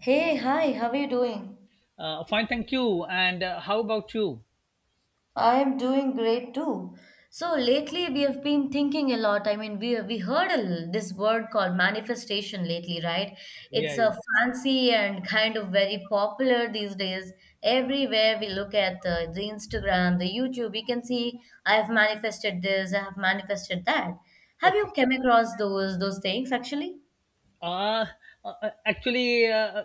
Hey, hi, how are you doing? Fine, thank you. And how about you? I am doing great too. So lately we have been thinking a lot. I mean, we heard this word called manifestation lately, right? Yeah, It's yeah. a fancy and kind of very popular these days. Everywhere we look at the Instagram, the YouTube, we can see I have manifested this, I have manifested that. Have you Okay. come across those things actually? Uh, actually,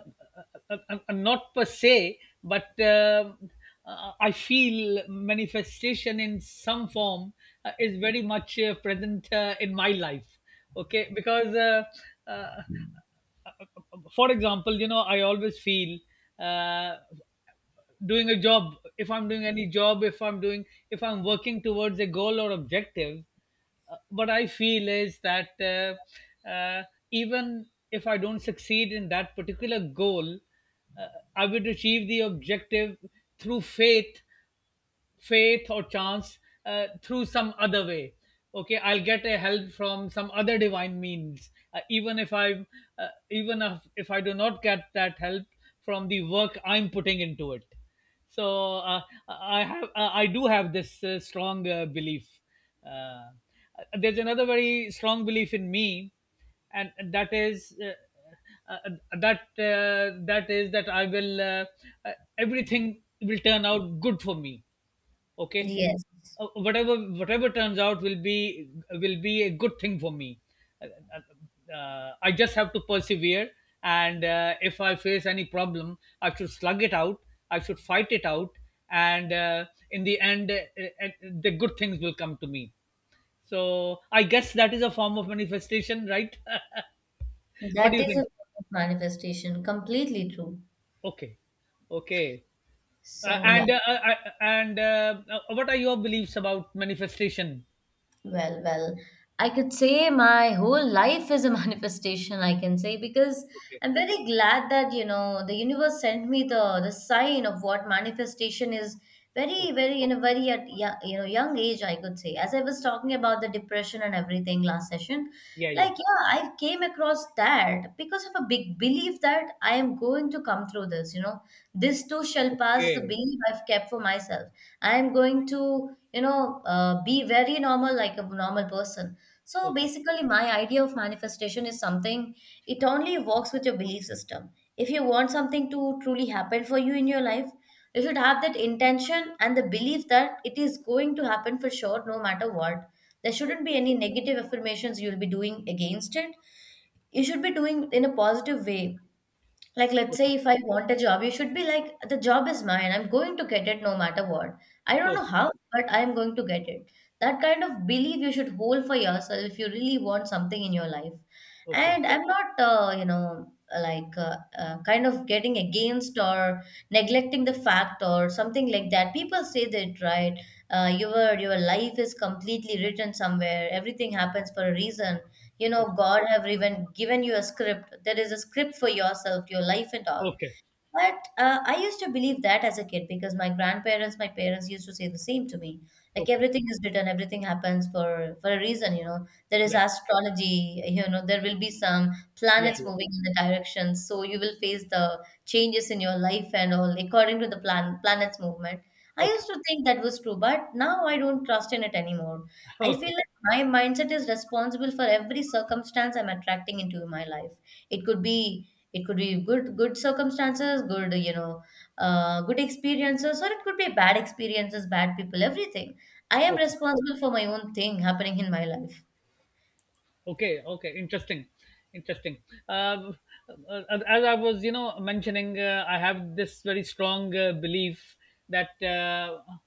not per se, but I feel manifestation in some form is very much present in my life. Okay, because uh, for example, I always feel uh, doing a job, if I'm doing any job if I'm doing if I'm working towards a goal or objective, what I feel is that even if I don't succeed in that particular goal, uh, I would achieve the objective through faith or chance, through some other way. Okay, I'll get a help from some other divine means, even if I do not get that help from the work I'm putting into it. So I do have this strong belief. uh, there's another very strong belief in me, and that is uh, that I will, uh, everything will turn out good for me. Okay. Yes. Whatever turns out will be a good thing for me. uh, I just have to persevere, and if I face any problem, I should slug it out, I should fight it out. And in the end, the good things will come to me. So I guess that is a form of manifestation, right? What do That you is a think? form of manifestation, completely true. Okay. Okay. So yeah. And What are your beliefs about manifestation? Well, I could say my whole life is a manifestation, I can say, because I'm very glad that, you know, the universe sent me the sign of what manifestation is very, Okay. very in a very you know young age, I could say. As I was talking about the depression and everything last session, Yeah, yeah. like yeah, I came across that because of a big belief that I am going to come through this, you know. This too shall pass is a Okay. belief I've kept for myself. I am going to, you know, be very normal like a normal person. So Okay. basically my idea of manifestation is something. It only works with your belief system. If you want something to truly happen for you in your life, you should have that intention and the belief that it is going to happen for sure no matter what. There shouldn't be Okay. any negative affirmations you'll be doing against it. You should be doing in a positive way. Like, let's Okay. say if I want a job, you should be like, the job is mine. I'm going to get it no matter what. I don't Okay. know how, but I'm going to get it. That kind of belief you should hold for yourself if you really want something in your life. Okay. And I'm not, you know, like kind of getting against or neglecting the fact or something like that. People say that, right? Your life is completely written somewhere. Everything happens for a reason. You know, Okay. god have even given you a script. There is a script for yourself, your life, and all. Okay. But I used to believe that as a kid because my grandparents, my parents used to say the same to me. Like Okay. everything is written, everything happens for a reason. You know, there is Right. astrology. You know, there will be some Yeah. planets Yeah. moving in the direction, so you will face the changes in your life and all according to the planets movement. I Okay. used to think that was true, but now I don't trust in it anymore. I feel Okay. like my mindset is responsible for every circumstance I'm attracting into my life. It could be it could be good circumstances, good, you know, good experiences, or it could be bad experiences, bad people, everything. I am Okay. responsible for my own thing happening in my life. Okay, okay, interesting, interesting. Um, as I was, mentioning, I have this very strong belief that uh,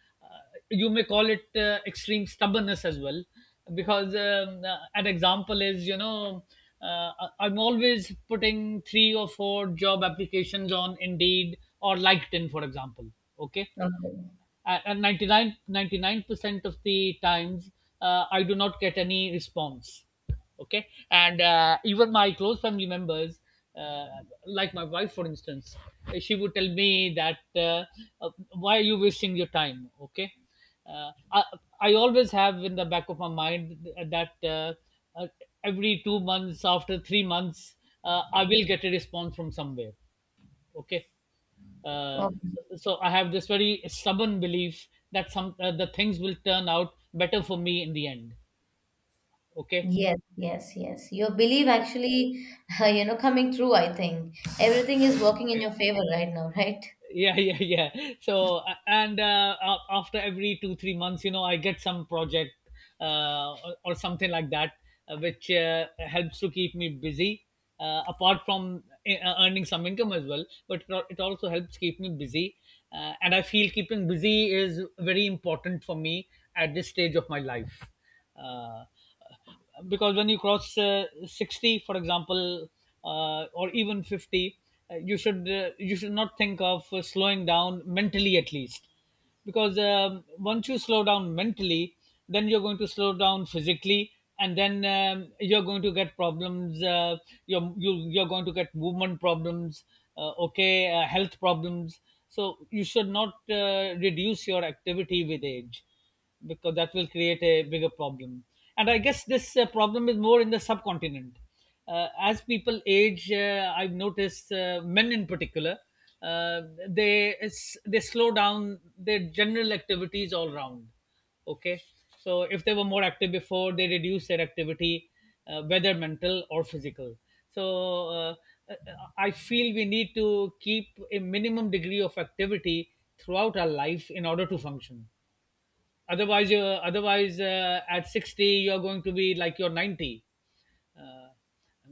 you may call it extreme stubbornness as well, because an example is, I'm always putting three or four job applications on Indeed or LinkedIn, for example. Okay, Okay. and 99.99% of the times I do not get any response. Okay, and even my close family members, uh, like my wife, for instance, she would tell me that why are you wasting your time. Okay, uh, I, I always have in the back of my mind that uh, every 2 months after 3 months I will get a response from somewhere. Okay. uh, Okay. so I have this very stubborn belief that some the things will turn out better for me in the end. Okay. Yes, yes, yes. Your belief So, actually, you know, coming through, I think. Everything is working in okay. your favor right now, right? Yeah. Yeah, yeah. So after every 2 3 months, I get some project, or something like that, which helps to keep me busy, apart from earning some income as well, but it also helps keep me busy. And I feel keeping busy is very important for me at this stage of my life, uh, because when you cross 60, for example, or even 50, you should, not think of slowing down mentally at least, because once you slow down mentally, then you're going to slow down physically. And then you're going to get problems, you're going to get movement problems, okay health problems. So you should not reduce your activity with age, because that will create a bigger problem. And I guess this problem is more in the subcontinent. As people age, I've noticed men in particular, uh, they slow down their general activities all round. Okay, so if they were more active before, they reduce their activity, whether mental or physical. So uh, I feel we need to keep a minimum degree of activity throughout our life in order to function. Otherwise, at 60 you're going to be like you're 90. uh,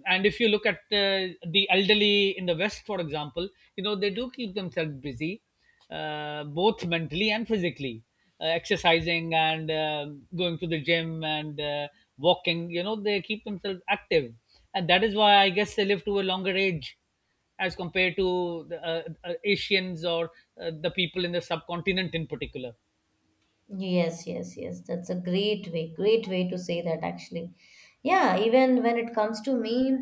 and if you look at the elderly in the west, for example, you know they do keep themselves busy, both mentally and physically, exercising and going to the gym and walking. You know, they keep themselves active, and that is why I guess they live to a longer age as compared to the Asians, or the people in the subcontinent in particular. Yes, yes, yes. That's a great way, great way to say that actually. Yeah, even when it comes to me,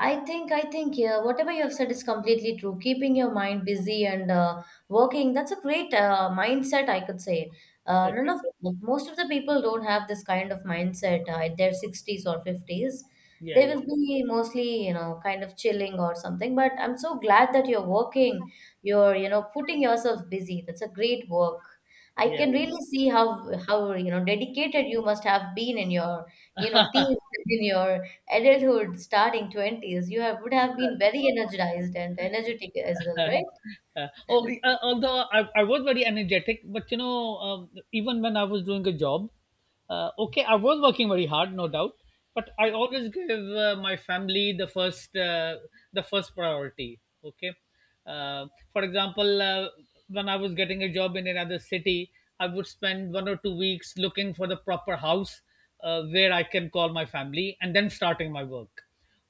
I think, yeah, whatever you have said is completely true. Keeping your mind busy and working, that's a great mindset, I could say. None Okay. of Most of the people don't have this kind of mindset at their 60s or 50s. Yeah, They yeah. will be mostly, you know, kind of chilling or something. But I'm so glad that you're working, you're, you know, putting yourself busy. That's a great work. I Yeah, can yeah. really see how you know dedicated you must have been in your you know teens, in your adulthood, starting twenties. You have would have been very energized and energetic as well, right? Oh, Although I was very energetic, but you know, even when I was doing a job, okay, I was working very hard, no doubt, but I always give my family the first, priority. Okay, uh, for example, when I was getting a job in another city, I would spend one or two weeks looking for the proper house where I can call my family, and then starting my work.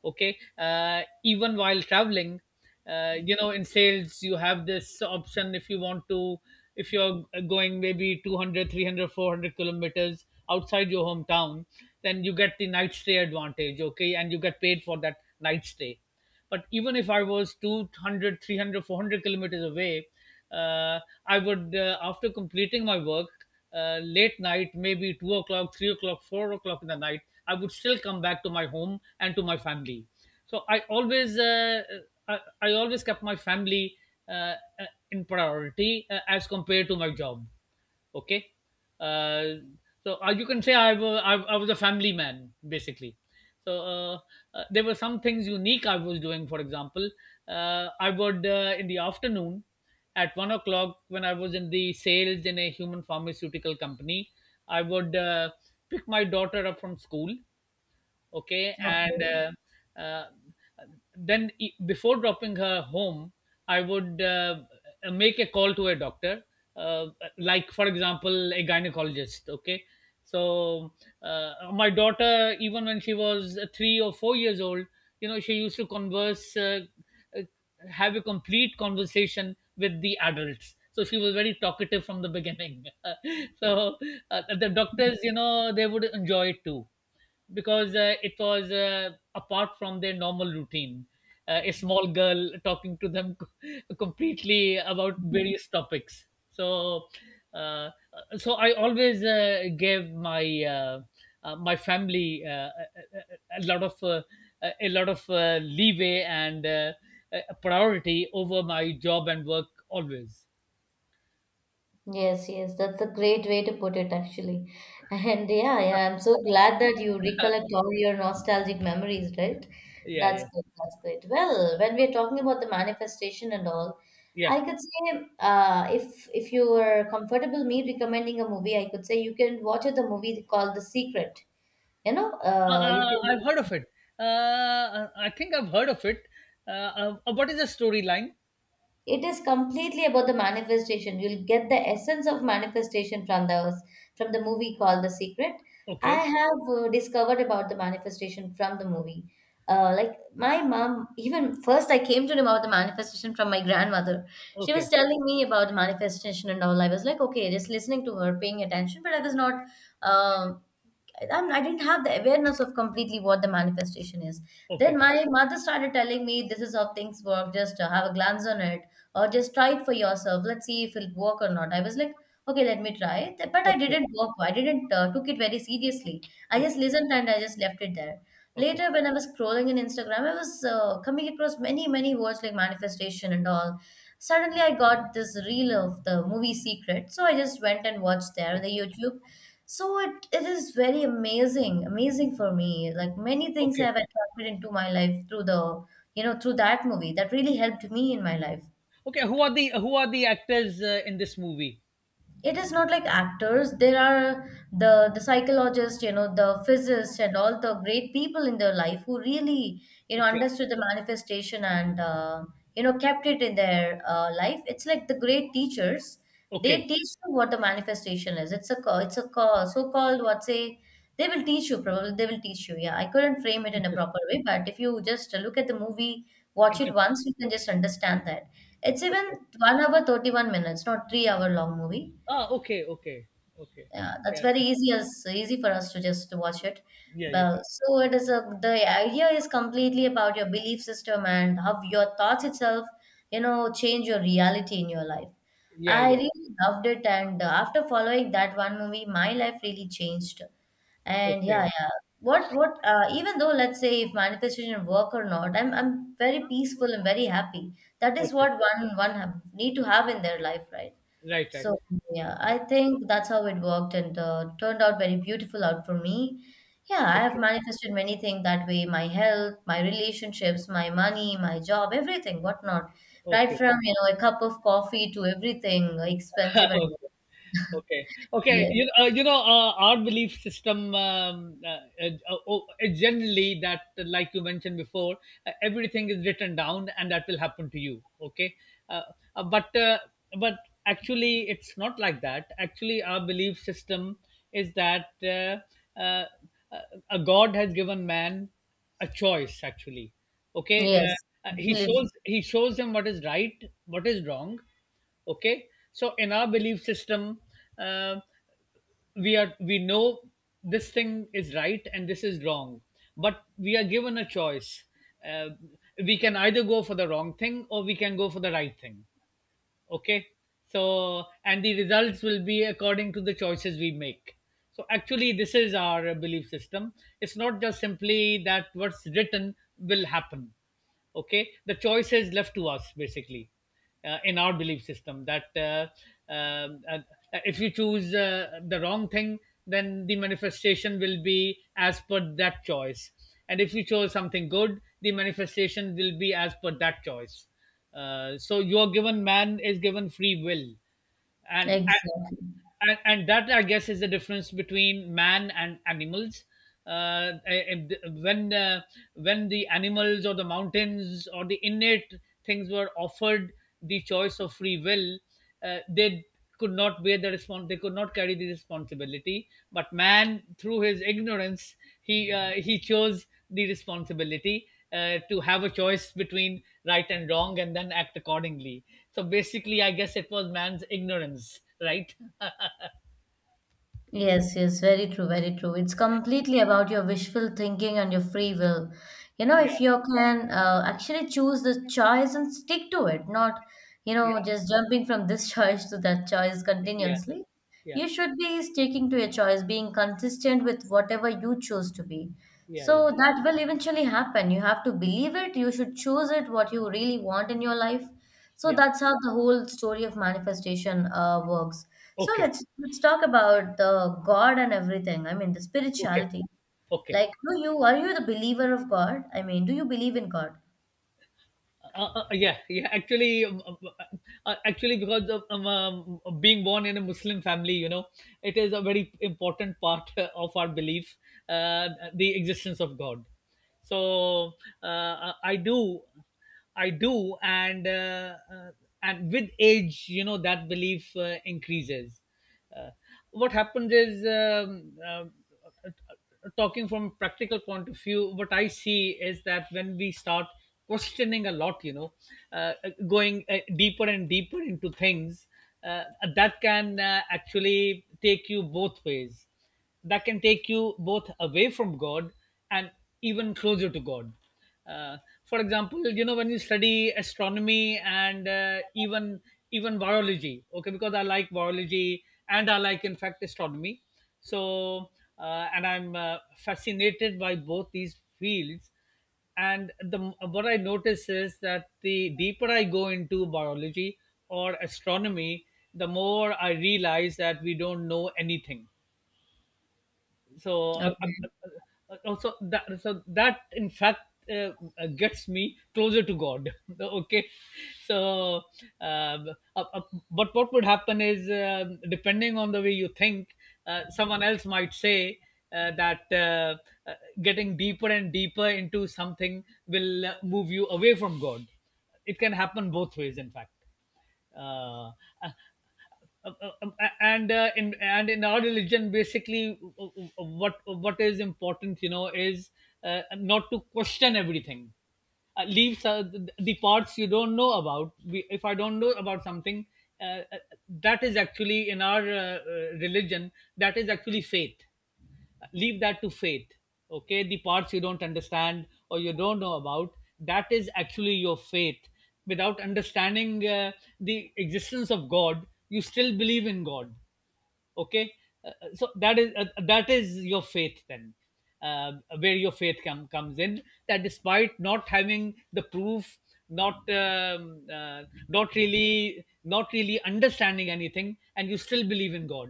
Okay. Even while traveling, you know in sales you have this option. If you want to, if you're going maybe 200 300 400 kilometers outside your hometown, then you get the night stay advantage. Okay, and you get paid for that night stay. But even if I was 200, 300, 400 kilometers away, uh, I would, after completing my work, late night, maybe 2 o'clock, 3 o'clock, 4 o'clock in the night, I would still come back to my home and to my family. So I always I always kept my family uh, uh, in priority as compared to my job. Okay. uh, so you can say I was a family man basically. So there were some things unique I was doing. For example, I would, in the afternoon at 1 o'clock, when I was in the sales in a human pharmaceutical company, I would pick my daughter up from school. Okay, and Okay. Then before dropping her home, I would make a call to a doctor, uh, like for example a gynecologist. Okay. So my daughter, even when she was 3 or 4 years old, you know she used to converse uh, have a complete conversation with the adults. So she was very talkative from the beginning. So the doctors, you know, they would enjoy it too, because it was apart from their normal routine. A small girl talking to them completely about various topics. So, uh, I always gave my family a lot of leeway and a priority over my job and work always. Yes, yes, that's a great way to put it actually. And yeah, yeah, I'm so glad that you recollect all your nostalgic memories, right? Yeah, That's yeah, good, that's great. Well, when we're talking about the manifestation and all, yeah. I could say if you were comfortable me recommending a movie, I could say you can watch the movie called The Secret. You know, you can I've heard of it. I think I've heard of it. What is the storyline? it is completely about the manifestation. You'll get the essence of manifestation from the movie called The Secret. I Okay, have discovered about the manifestation from the movie. Like my mom, even first I came to know about the manifestation from my grandmother. She okay, was telling me about manifestation and all. I was like okay, just listening to her, paying attention, but I was not, um I'm, I didn't have the awareness of completely what the manifestation is. okay, Then my mother started telling me, "This is how things work. Just have a glance on it, or just try it for yourself. Let's see if it'll work or not." I was like, "Okay, let me try it," but I okay, didn't work. I didn't took it very seriously. I just okay, listened and I just left it there. okay, Later, when I was scrolling in Instagram, I was coming across many words like manifestation and all. Suddenly, I got this reel of the movie Secret, so I just went and watched there on okay, the YouTube. So, it is very amazing, amazing for me. Like many things okay, have attracted into my life through the, you know, through that movie that really helped me in my life. okay. Who are the actors in this movie? It is not like actors. There are the psychologists, you know, the physicists and all the great people in their life who really, you know, Okay, understood the manifestation and you know kept it in their life. It's like the great teachers, they okay, teach you what the manifestation is. It's so-called what say, they will teach you probably, they will teach you. Yeah, I couldn't frame it in a interesting, proper way, but if you just look at the movie, watch it interesting. once, you can just understand that. It's even Okay. 1 hour 31 minutes, not 3-hour long movie. Ah, okay, okay, okay. Yeah, that's Yeah, very easy, as easy for us to just watch it. yeah, yeah, But so it is a the idea is completely about your belief system and how your thoughts itself, you know, change your reality in your life. yeah, I yeah. really loved it, and after following that one movie, my life really changed. And yeah, Okay, yeah. What even though, let's say if manifestation work or not, I'm very peaceful and very happy. That is okay. what one have, need to have in their life, right? Right, right. So yeah, I think that's how it worked and turned out very beautiful out for me. Yeah, I have Okay, manifested many things that way, my health, my relationships, my money, my job, everything, whatnot. Right okay, from, you know, a cup of coffee to everything expensive okay. and Okay, okay. yes. Our belief system, oh, generally, like you mentioned before, everything is written down and that will happen to you. Okay, uh, but but actually it's not like that. Actually, our belief system is that uh, uh, a God has given man a choice. Actually, okay, Yes, he absolutely. shows he shows him what is right, what is wrong. Okay, so in our belief system, uh, we know this thing is right and this is wrong, but we are given a choice. uh, we can either go for the wrong thing or we can go for the right thing. Okay, so and the results will be according to the choices we make. So actually this is our belief system. It's not just simply that what's written will happen. Okay, the choice is left to us basically, in our belief system, that um, uh, if you choose the wrong thing, then the manifestation will be as per that choice. And if you chose something good, the manifestation will be as per that choice. So you are given man is given free will, and Exactly. and that I guess is the difference between man and animals. And when uh, when the animals or the mountains or the innate things were offered the choice of free will, they could not bear the response, they could not carry the responsibility. But man, through his ignorance, he chose the responsibility to have a choice between right and wrong and then act accordingly. So basically I guess it was man's ignorance, right. Yes, yes, very true, very true. It's completely about your wishful thinking and your free will. You know, Yeah, if you can actually choose the choice and stick to it, not, you yeah, know, just jumping from this choice to that choice yeah, continuously, yeah, you should be sticking to your choice, being consistent with whatever you choose to be. yeah, yeah, So that will eventually happen. You have to believe it, you should choose it, what you really want in your life. So yeah. that's how the whole story of manifestation works. So Okay, let's talk about the God and everything. I mean the okay, spirituality. okay. Like, do you are you the believer of God? I mean, do you believe in God? Yeah, yeah. Because of being born in a Muslim family, you know, it is a very important part of our belief, uh, the existence of God. So uh, uh, I do, I do, and and with age, you know, that belief increases. Uh, what happens is Talking from a practical point of view, what I see is that when we start questioning a lot, you know, uh, going deeper and deeper into things, uh, that can actually take you both ways. That can take you both away from God and even closer to God. Uh, for example, you know, when you study astronomy and even even biology. Okay, because I like biology and I like in fact astronomy. So and I'm fascinated by both these fields. And the what I notice is that the deeper I go into biology or astronomy, the more I realize that we don't know anything. so uh, Okay, uh, uh, also that, so that in fact uh, uh, gets me closer to God. Okay, so uh, uh, uh, but what would happen is, depending on the way you think, someone else might say that uh, getting deeper and deeper into something will move you away from God. It can happen both ways in fact. Uh, uh, and In and in our religion basically, what is important, you know, is not to question everything. Leave the parts you don't know about. If I don't know about something, uh, uh, that is actually in our religion, that is actually faith. Leave that to fate. Okay, the parts you don't understand or you don't know about, that is actually your faith. Without understanding the existence of God, you still believe in God. Okay. So that is, that is your faith then, uh, where your faith comes in. That despite not having the proof, not um, uh, not really, not really understanding anything, and you still believe in God.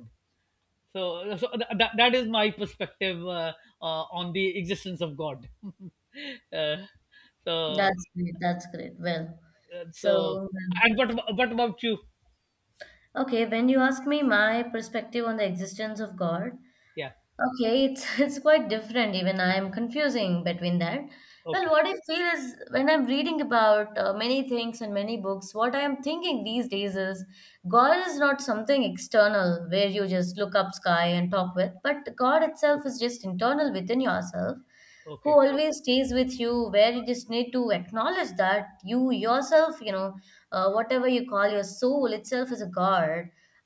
So that is my perspective on the existence of God. uh, so that's great. That's great. Well, so so and what about you? okay, when you ask me my perspective on the existence of God, Yeah. okay, it's it's quite different. Even I am confusing between that. Well, Okay, what I feel is when I'm reading about many things and many books, what I am thinking these days is God is not something external where you just look up sky and talk with, but God itself is just internal within yourself, who okay, always stays with you, where you just need to acknowledge that you yourself, you know, whatever you call your soul itself is a god.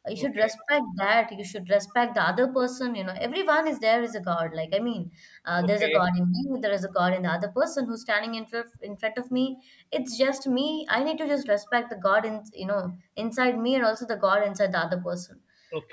You should okay, respect that. You should respect the other person. You know, everyone is there is a god, like I mean, there's a okay, god in you, there is a god in the other person who's standing in front of me. It's just me, I need to just respect the god in, you know, inside me, and also the god inside the other person.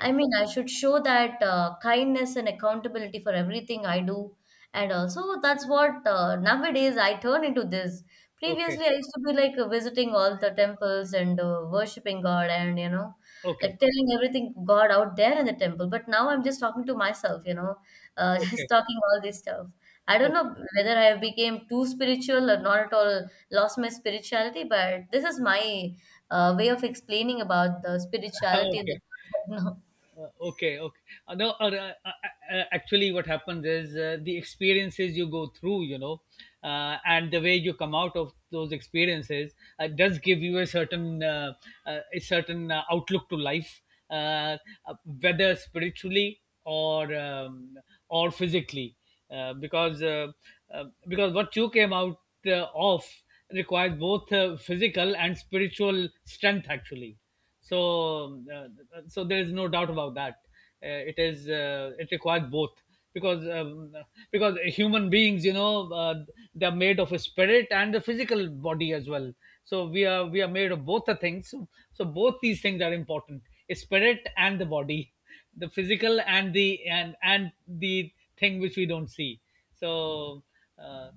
I mean, I should show that kindness and accountability for everything I do. And also, that's what nowadays I turn into this. okay, Previously, I used to be like visiting all the temples and worshipping God, and, you know, okay, like telling everything God out there in the temple. But now I'm just talking to myself, okay, just okay, talking all this stuff. I don't okay. know whether I became too spiritual or not at all, lost my spirituality, but this is my way of explaining about the spirituality and Okay. the. Okay, okay. No, actually, What happens is, the experiences you go through, you know, and the way you come out of those experiences does give you a certain outlook to life, uh, uh, whether spiritually or physically, uh, because uh, because what you came out of requires both physical and spiritual strength, actually. So uh, so there is no doubt about that. It is, it requires both, because um, because human beings, you know, they are made of a spirit and the physical body as well. So we are made of both the things. So both these things are important: a spirit and the body, the physical and the thing which we don't see. so uh,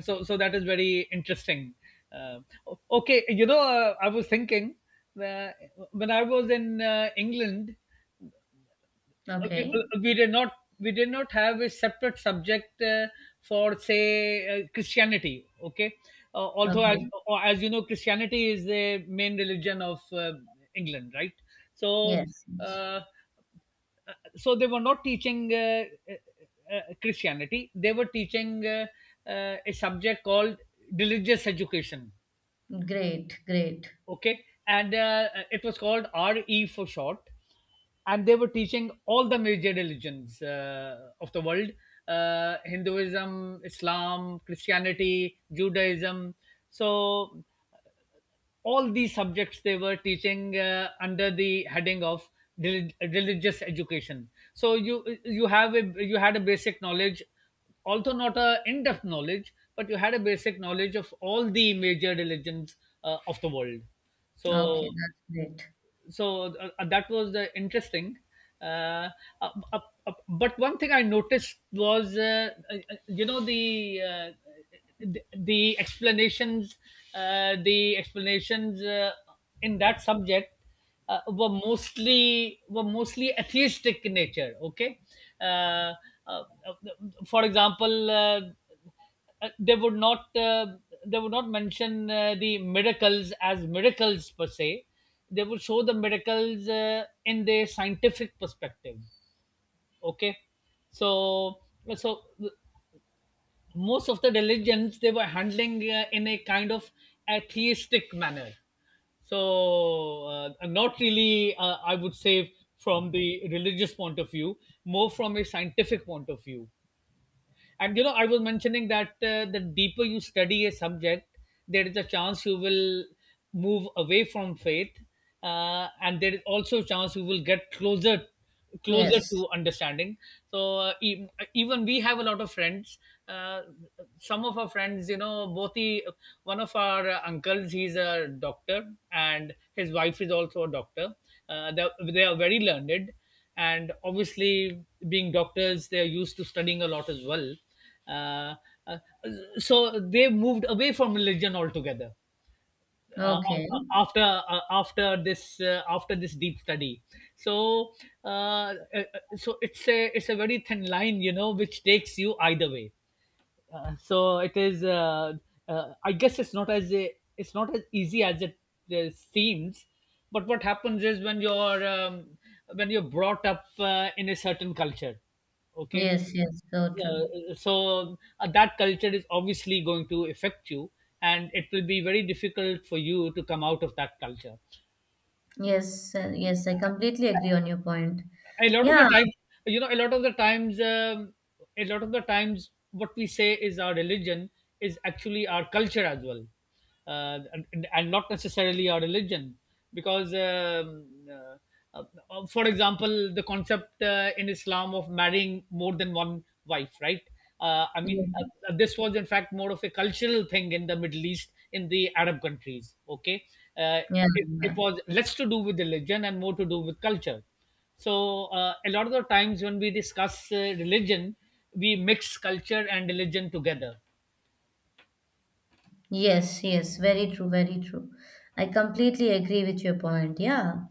so so that is very interesting. uh, okay, you know, I was thinking uh, when I was in England, No. Okay. we did not, we did not have a separate subject for say Christianity. Okay, although as, Okay. or as you know, Christianity is the main religion of England, right? so Yes. uh, so they were not teaching uh, Christianity, they were teaching a subject called religious education. Great. Great. Okay, and it was called RE for short, and they were teaching all the major religions of the world: Hinduism, Islam, Christianity, Judaism. So all these subjects they were teaching under the heading of religious education. So you had a basic knowledge, although not a in-depth knowledge, but you had a basic knowledge of all the major religions of the world. so Okay, that's great. so uh, uh, that was interesting. Uh, uh, uh, but one thing I noticed was, you know, the explanations, the explanations in that subject were mostly, were mostly atheistic in nature. Okay, uh, uh, uh, for example. They would not they would not mention the miracles as miracles per se, they would show the miracles in their scientific perspective. Okay, so so most of the religions they were handling in a kind of atheistic manner. So not really, I would say, from the religious point of view, more from a scientific point of view. And you know, I was mentioning that the deeper you study a subject, there is a chance you will move away from faith, and there is also a chance you will get closer, closer Yes. to understanding. So even we have a lot of friends. Uh, some of our friends, you know, both the, one of our uncles, he's a doctor, and his wife is also a doctor. They are very learned, and obviously being doctors they are used to studying a lot as well. uh, uh, so they moved away from religion altogether Okay. after after this, after this deep study. So uh, uh, so it's a, it's a very thin line, you know, which takes you either way. So it is uh, uh, I guess it's not as a, it's not as easy as it seems. But what happens is when you're brought up in a certain culture. Okay, Yes, yes, so true. so that culture is obviously going to affect you, and it will be very difficult for you to come out of that culture Yes, yes, I completely agree on your point. a lot of the Yeah, time. You know, a lot of the times what we say is our religion is actually our culture as well, and not necessarily our religion. Because um, uh, uh, for example, the concept in Islam of marrying more than one wife, right? I mean, this was in fact more of a cultural thing, in the Middle East, in the Arab countries. Okay, uh, yeah, it yeah. was less to do with religion and more to do with culture. So a lot of the times when we discuss religion, we mix culture and religion together. Yes, yes, very true, very true. I completely agree with your point. Yeah.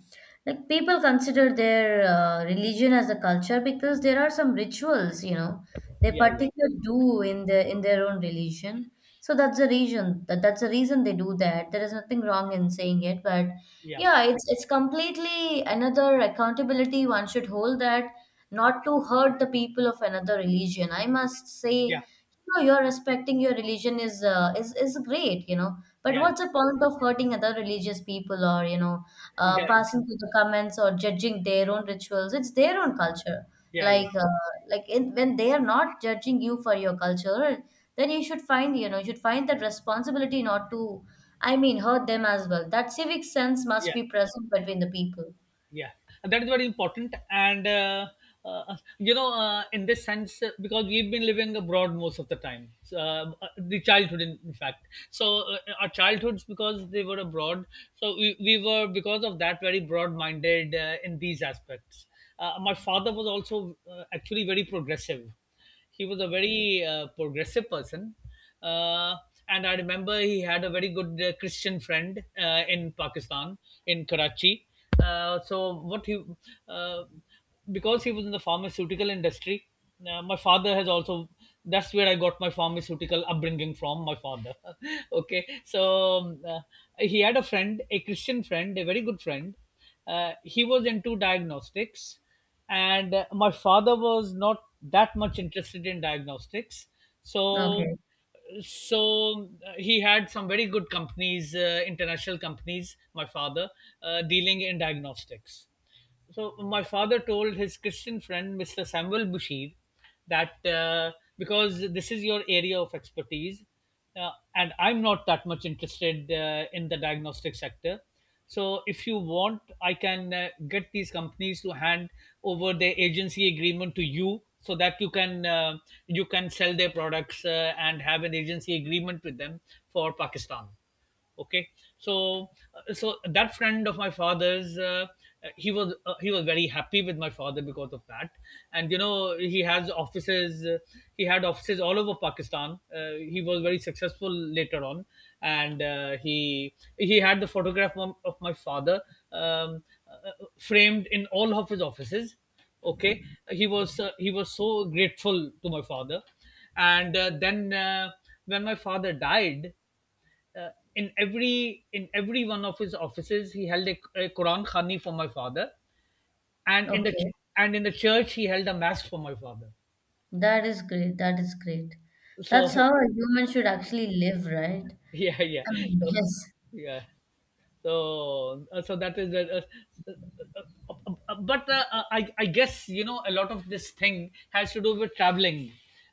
Like people consider their religion as a culture because there are some rituals, they Yeah, particularly do in their own religion. So that's the reason they do that. There is nothing wrong in saying it, but yeah, yeah, it's completely another accountability one should hold that not to hurt the people of another religion. I must say yeah, no, you're respecting your religion is great, But yeah, yeah, what's the point of hurting other religious people or, yeah, yeah, passing through the comments or judging their own rituals? It's their own culture. yeah, yeah. Like uh, like in, when they are not judging you for your culture, then you should find, you should find that responsibility not to, I mean, hurt them as well. That civic sense must Yeah. be present between the people. Yeah, and that is very important. And you know, in this sense, because we've been living abroad most of the time, the childhood, in fact, our childhoods, because they were abroad, so we were because of that very broad minded in these aspects. My father was also actually very progressive, he was a very progressive person. uh, and I remember he had a very good Christian friend in Pakistan, in Karachi. So what he uh, because he was in the pharmaceutical industry, my father has also, that's where I got my pharmaceutical upbringing from, my father. Okay, so um, uh, he had a friend, a Christian friend, a very good friend. He was into diagnostics, and my father was not that much interested in diagnostics. so Okay, so uh, he had some very good companies, international companies, my father, dealing in diagnostics. So my father told his Christian friend, Mr. Samuel Bushir, that because this is your area of expertise, and I'm not that much interested in the diagnostic sector. So, if you want, I can get these companies to hand over their agency agreement to you, so that you can sell their products and have an agency agreement with them for Pakistan. Okay. So that friend of my father's, he was very happy with my father because of that. And he had offices all over Pakistan. He was very successful later on. And he had the photograph of my father, um, uh, framed in all of his offices. Okay. He was so grateful to my father. And then when my father died, uh, in every one of his offices he held a quran khani for my father. And okay. And in the church he held a mass for my father. That is great. That is great. So. That's how a human should actually live, right? Yeah, yeah. Um, So, yes, yeah. So that is the uh, but I guess a lot of this thing has to do with traveling.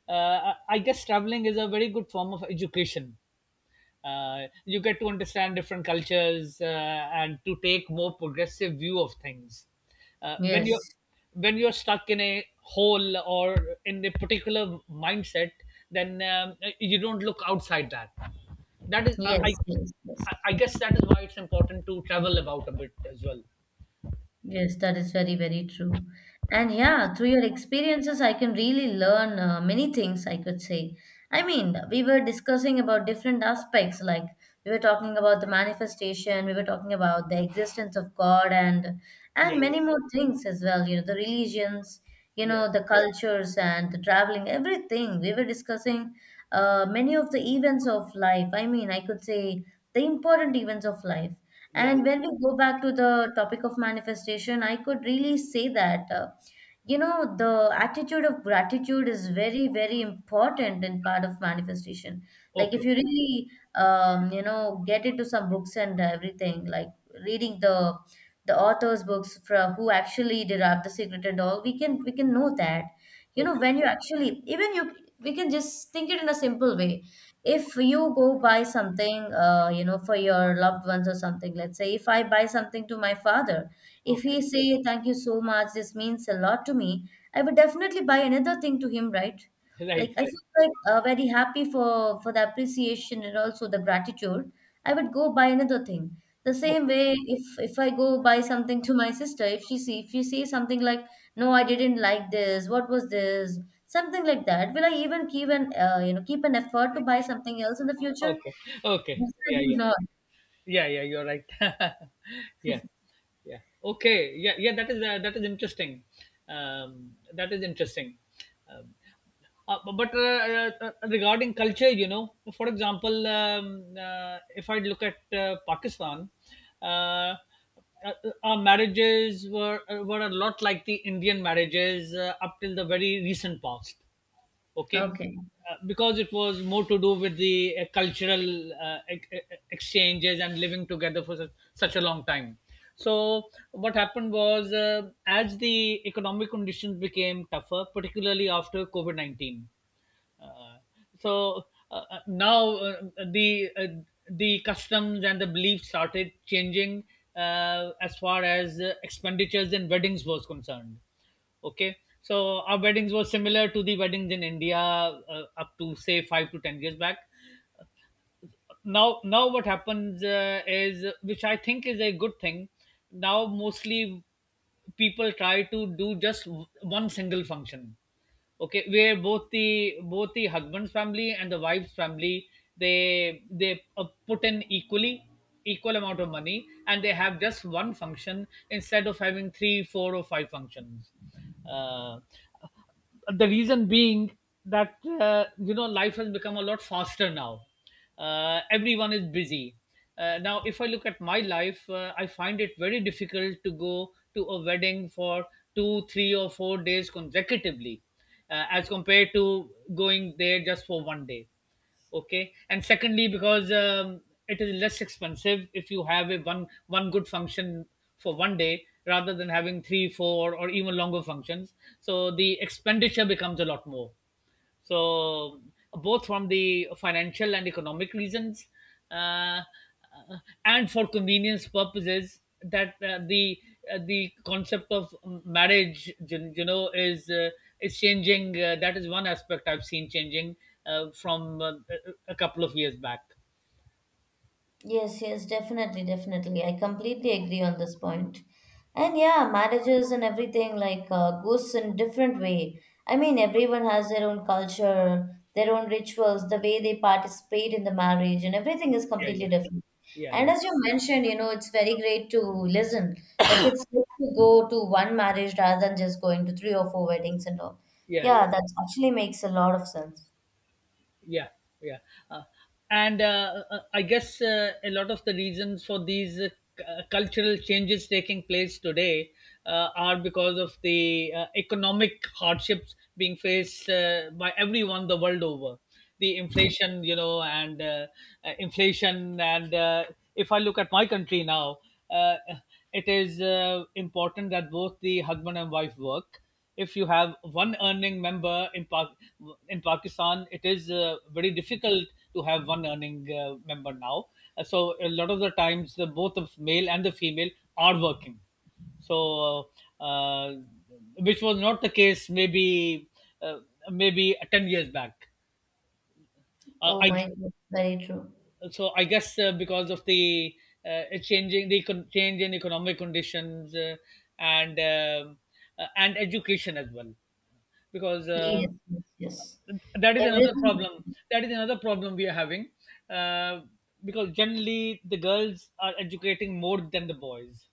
I guess traveling is a very good form of education. You get to understand different cultures and to take more progressive view of things. When you're yes, when you're stuck in a hole or in a particular mindset, then you don't look outside that. that is I, yes, yes, yes. I i guess that is why it's important to travel about a bit as well. Yes, that is very, very true. And yeah, through your experiences, I can really learn many things, I could say. I mean, we were discussing about different aspects, like we were talking about the manifestation, we were talking about the existence of God and Yeah, and many yeah. more things as well, the religions, Yeah, the cultures and the traveling, everything. We were discussing many of the events of life. I mean, I could say the important events of life. yeah, And yeah. when we go back to the topic of manifestation, I could really say that, the attitude of gratitude is very, very important in part of manifestation. Like if Okay. you really, get into some books and everything, like reading the authors' books from who actually derived the secret and all, we can know that Okay, when you actually even you we can just think it in a simple way. If you go buy something for your loved ones or something, let's say if I buy something to my father, if okay. he say thank you so much, this means a lot to me, I would definitely buy another thing to him, right? Like Right, I right. feel like very happy for the appreciation and also the gratitude. I would go buy another thing the same Okay, way, if I go buy something to my sister, if she says something like, no, I didn't like this, what was this. Something like that. Will I even keep an effort to buy something else in the future? okay, okay. Yeah, Definitely yeah. not. Yeah, yeah. You're right. Yeah, yeah. Okay. Yeah, yeah, that is interesting. That is interesting. Um, uh, bu- but uh, uh, uh, regarding culture, you know, for example, if I look at Pakistan, uh, our marriages were a lot like the Indian marriages up till the very recent past. Okay. Okay. Because it was more to do with the cultural exchanges and living together for such, such a long time. So what happened was, as the economic conditions became tougher particularly after COVID-19. Uh, so uh, now the uh, the customs and the beliefs started changing as far as expenditures in weddings was concerned. Okay, so our weddings were similar to the weddings in India up to say 5 to 10 years back. Now what happens is, which I think is a good thing, now mostly people try to do just one single function. Okay, where both the husband's family and the wife's family, they put in equally equal amount of money, and they have just one function instead of having three four or five functions. uh, the reason being that, life has become a lot faster now. Everyone is busy. Now, if I look at my life, I find it very difficult to go to a wedding for 2, 3, or 4 days consecutively, as compared to going there just for one day. Okay, and secondly, because it is less expensive if you have a one good function for one day rather than having three, four, or even longer functions. So the expenditure becomes a lot more, so both from the financial and economic reasons, uh, uh, and for convenience purposes, that the concept of marriage is changing. That is one aspect I've seen changing from a couple of years back. Yes, yes, definitely, definitely. I completely agree on this point. And yeah, marriages and everything like goes in different way. I mean, everyone has their own culture, their own rituals, the way they participate in the marriage, and everything is Yeah, completely yeah. different. Yeah, And yeah. as you mentioned, it's very great to listen. Like it's good to go to one marriage rather than just going to three or four weddings and all. Yeah, Yeah, yeah. that actually makes a lot of sense. Yeah, yeah. uh, and I guess a lot of the reasons for these cultural changes taking place today are because of the economic hardships being faced by everyone the world over. The inflation, and inflation, and if I look at my country now, uh, it is important that both the husband and wife work. If you have one earning member in Pakistan, it is very difficult to have one earning member now. So a lot of the times, the both the male and the female are working. So, uh, uh, which was not the case maybe, uh, maybe 10 years back. Oh I my God, very true. So I guess because of the change in economic conditions and um and education as well, because. Uh, Yes, yes, yes. that is another Everything. problem that is another problem we are having, uh, because generally the girls are educating more than the boys.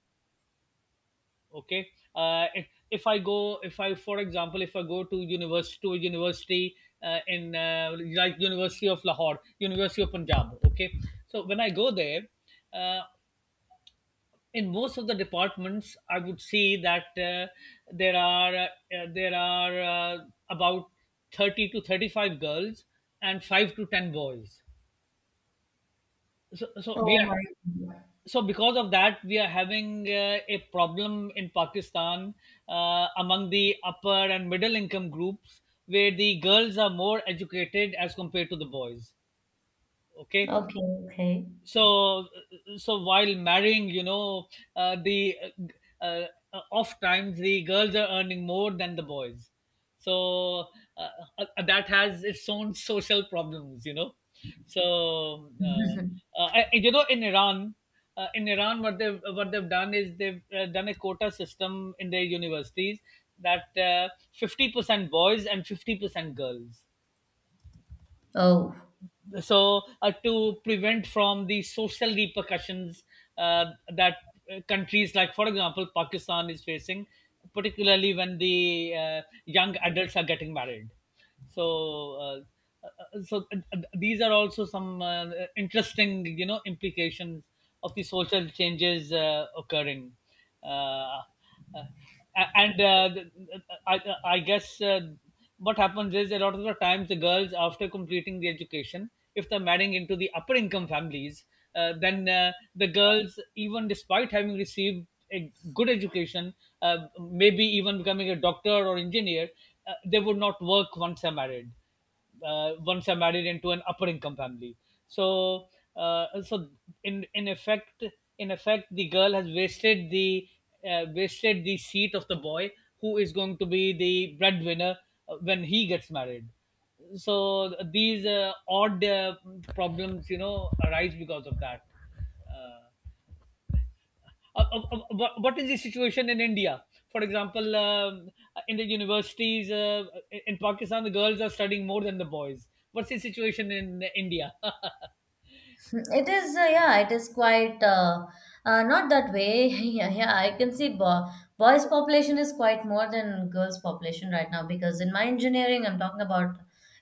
Okay. Uh, if, if i go if i for example, if I go to a university, in, like, University of Lahore, University of Punjab. Okay, so when I go there, uh, in most of the departments I would see that there are uh, there are about 30 to 35 girls and 5 to 10 boys. so, so we Oh are my. God. so because of that we are having a problem in Pakistan, among the upper and middle income groups where the girls are more educated as compared to the boys. Okay. Okay, okay. So so while marrying, the uh, uh, off times the girls are earning more than the boys. So uh, that has its own social problems. so uh, uh, I, you know, in Iran, what they've done is, they've done a quota system in their universities, that 50% boys and 50% girls. Oh, So to prevent from the social repercussions uh, that countries like, for example, Pakistan is facing, particularly when the young adults are getting married. So uh, uh, so uh, these are also some interesting, implications of the social changes occurring. Uh, uh, uh, A- and uh, I guess, what happens is, a lot of the times, the girls after completing the education, if they're marrying into the upper income families, then the girls, even despite having received a good education, maybe even becoming a doctor or engineer, they would not work once they're married, once I'm married into an upper income family. So so in in effect in effect, the girl has wasted the, seat of the boy who is going to be the breadwinner when he gets married. So these odd problems arise because of that. Uh, what is the situation in India? For example, in the universities in Pakistan, the girls are studying more than the boys. What's the situation in India? it is, yeah, it is quite not that way. Yeah, yeah, I can see boys' population is quite more than girls' population right now because in my engineering, I'm talking about,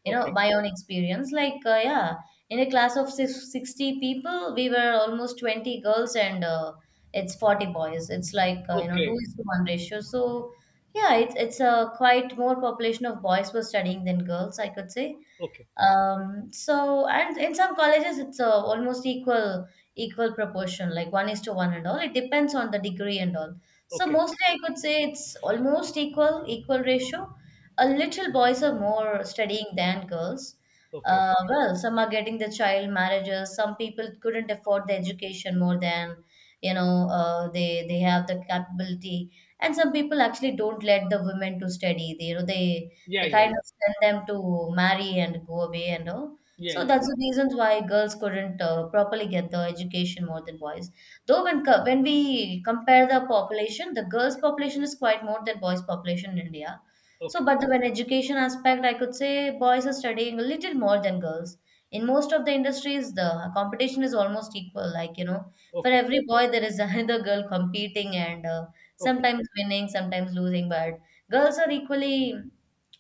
Okay, my own experience. Like, yeah, in a class of 60 people, we were almost 20 girls and it's 40 boys. It's like, two okay, is to one ratio. So, yeah, it's a quite more population of boys were studying than girls, I could say. okay, So and in some colleges it's almost equal proportion, like one is to one and all, it depends on the degree and all. So okay, mostly I could say it's almost equal ratio. A little boys are more studying than girls. okay. Well, some are getting the child marriages, some people couldn't afford the education more than they have the capability, and some people actually don't let the women to study, they you know Yeah, they yeah, kind of send them to marry and go away and all. yeah, yeah, So yeah. Yeah. that's the reasons why girls couldn't properly get the education more than boys. Though when when we compare the population, the girls' population is quite more than boys' population in India. So, Okay, but when education aspect, I could say boys are studying a little more than girls. In most of the industries, the competition is almost equal. Like for okay, every boy there is another girl competing, and okay, sometimes winning, sometimes losing. But girls are equally,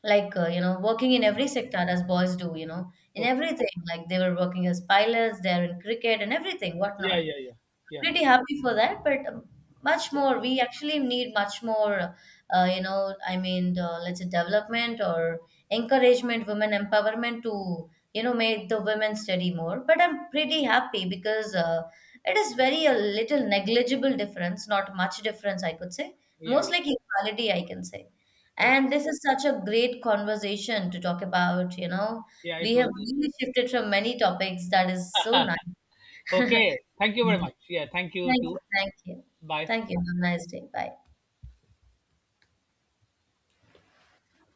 like working in every sector as boys do, in okay. everything, like they were working as pilots, they're in cricket and everything, Yeah, whatnot. yeah, yeah, yeah, Pretty happy for that, but much more we actually need, much more, I mean, let's say development or encouragement, women empowerment to make the women study more. But I'm pretty happy because it is very a little negligible difference, not much difference, I could say. yeah, Most yeah. like equality, I can say. And Okay, this is such a great conversation to talk about, yeah, it we was have really shifted from many topics, that is so nice. okay. Thank you very much. Yeah, thank you Thank too. you. Thank you. Bye. Thank you. Have a nice day. Bye.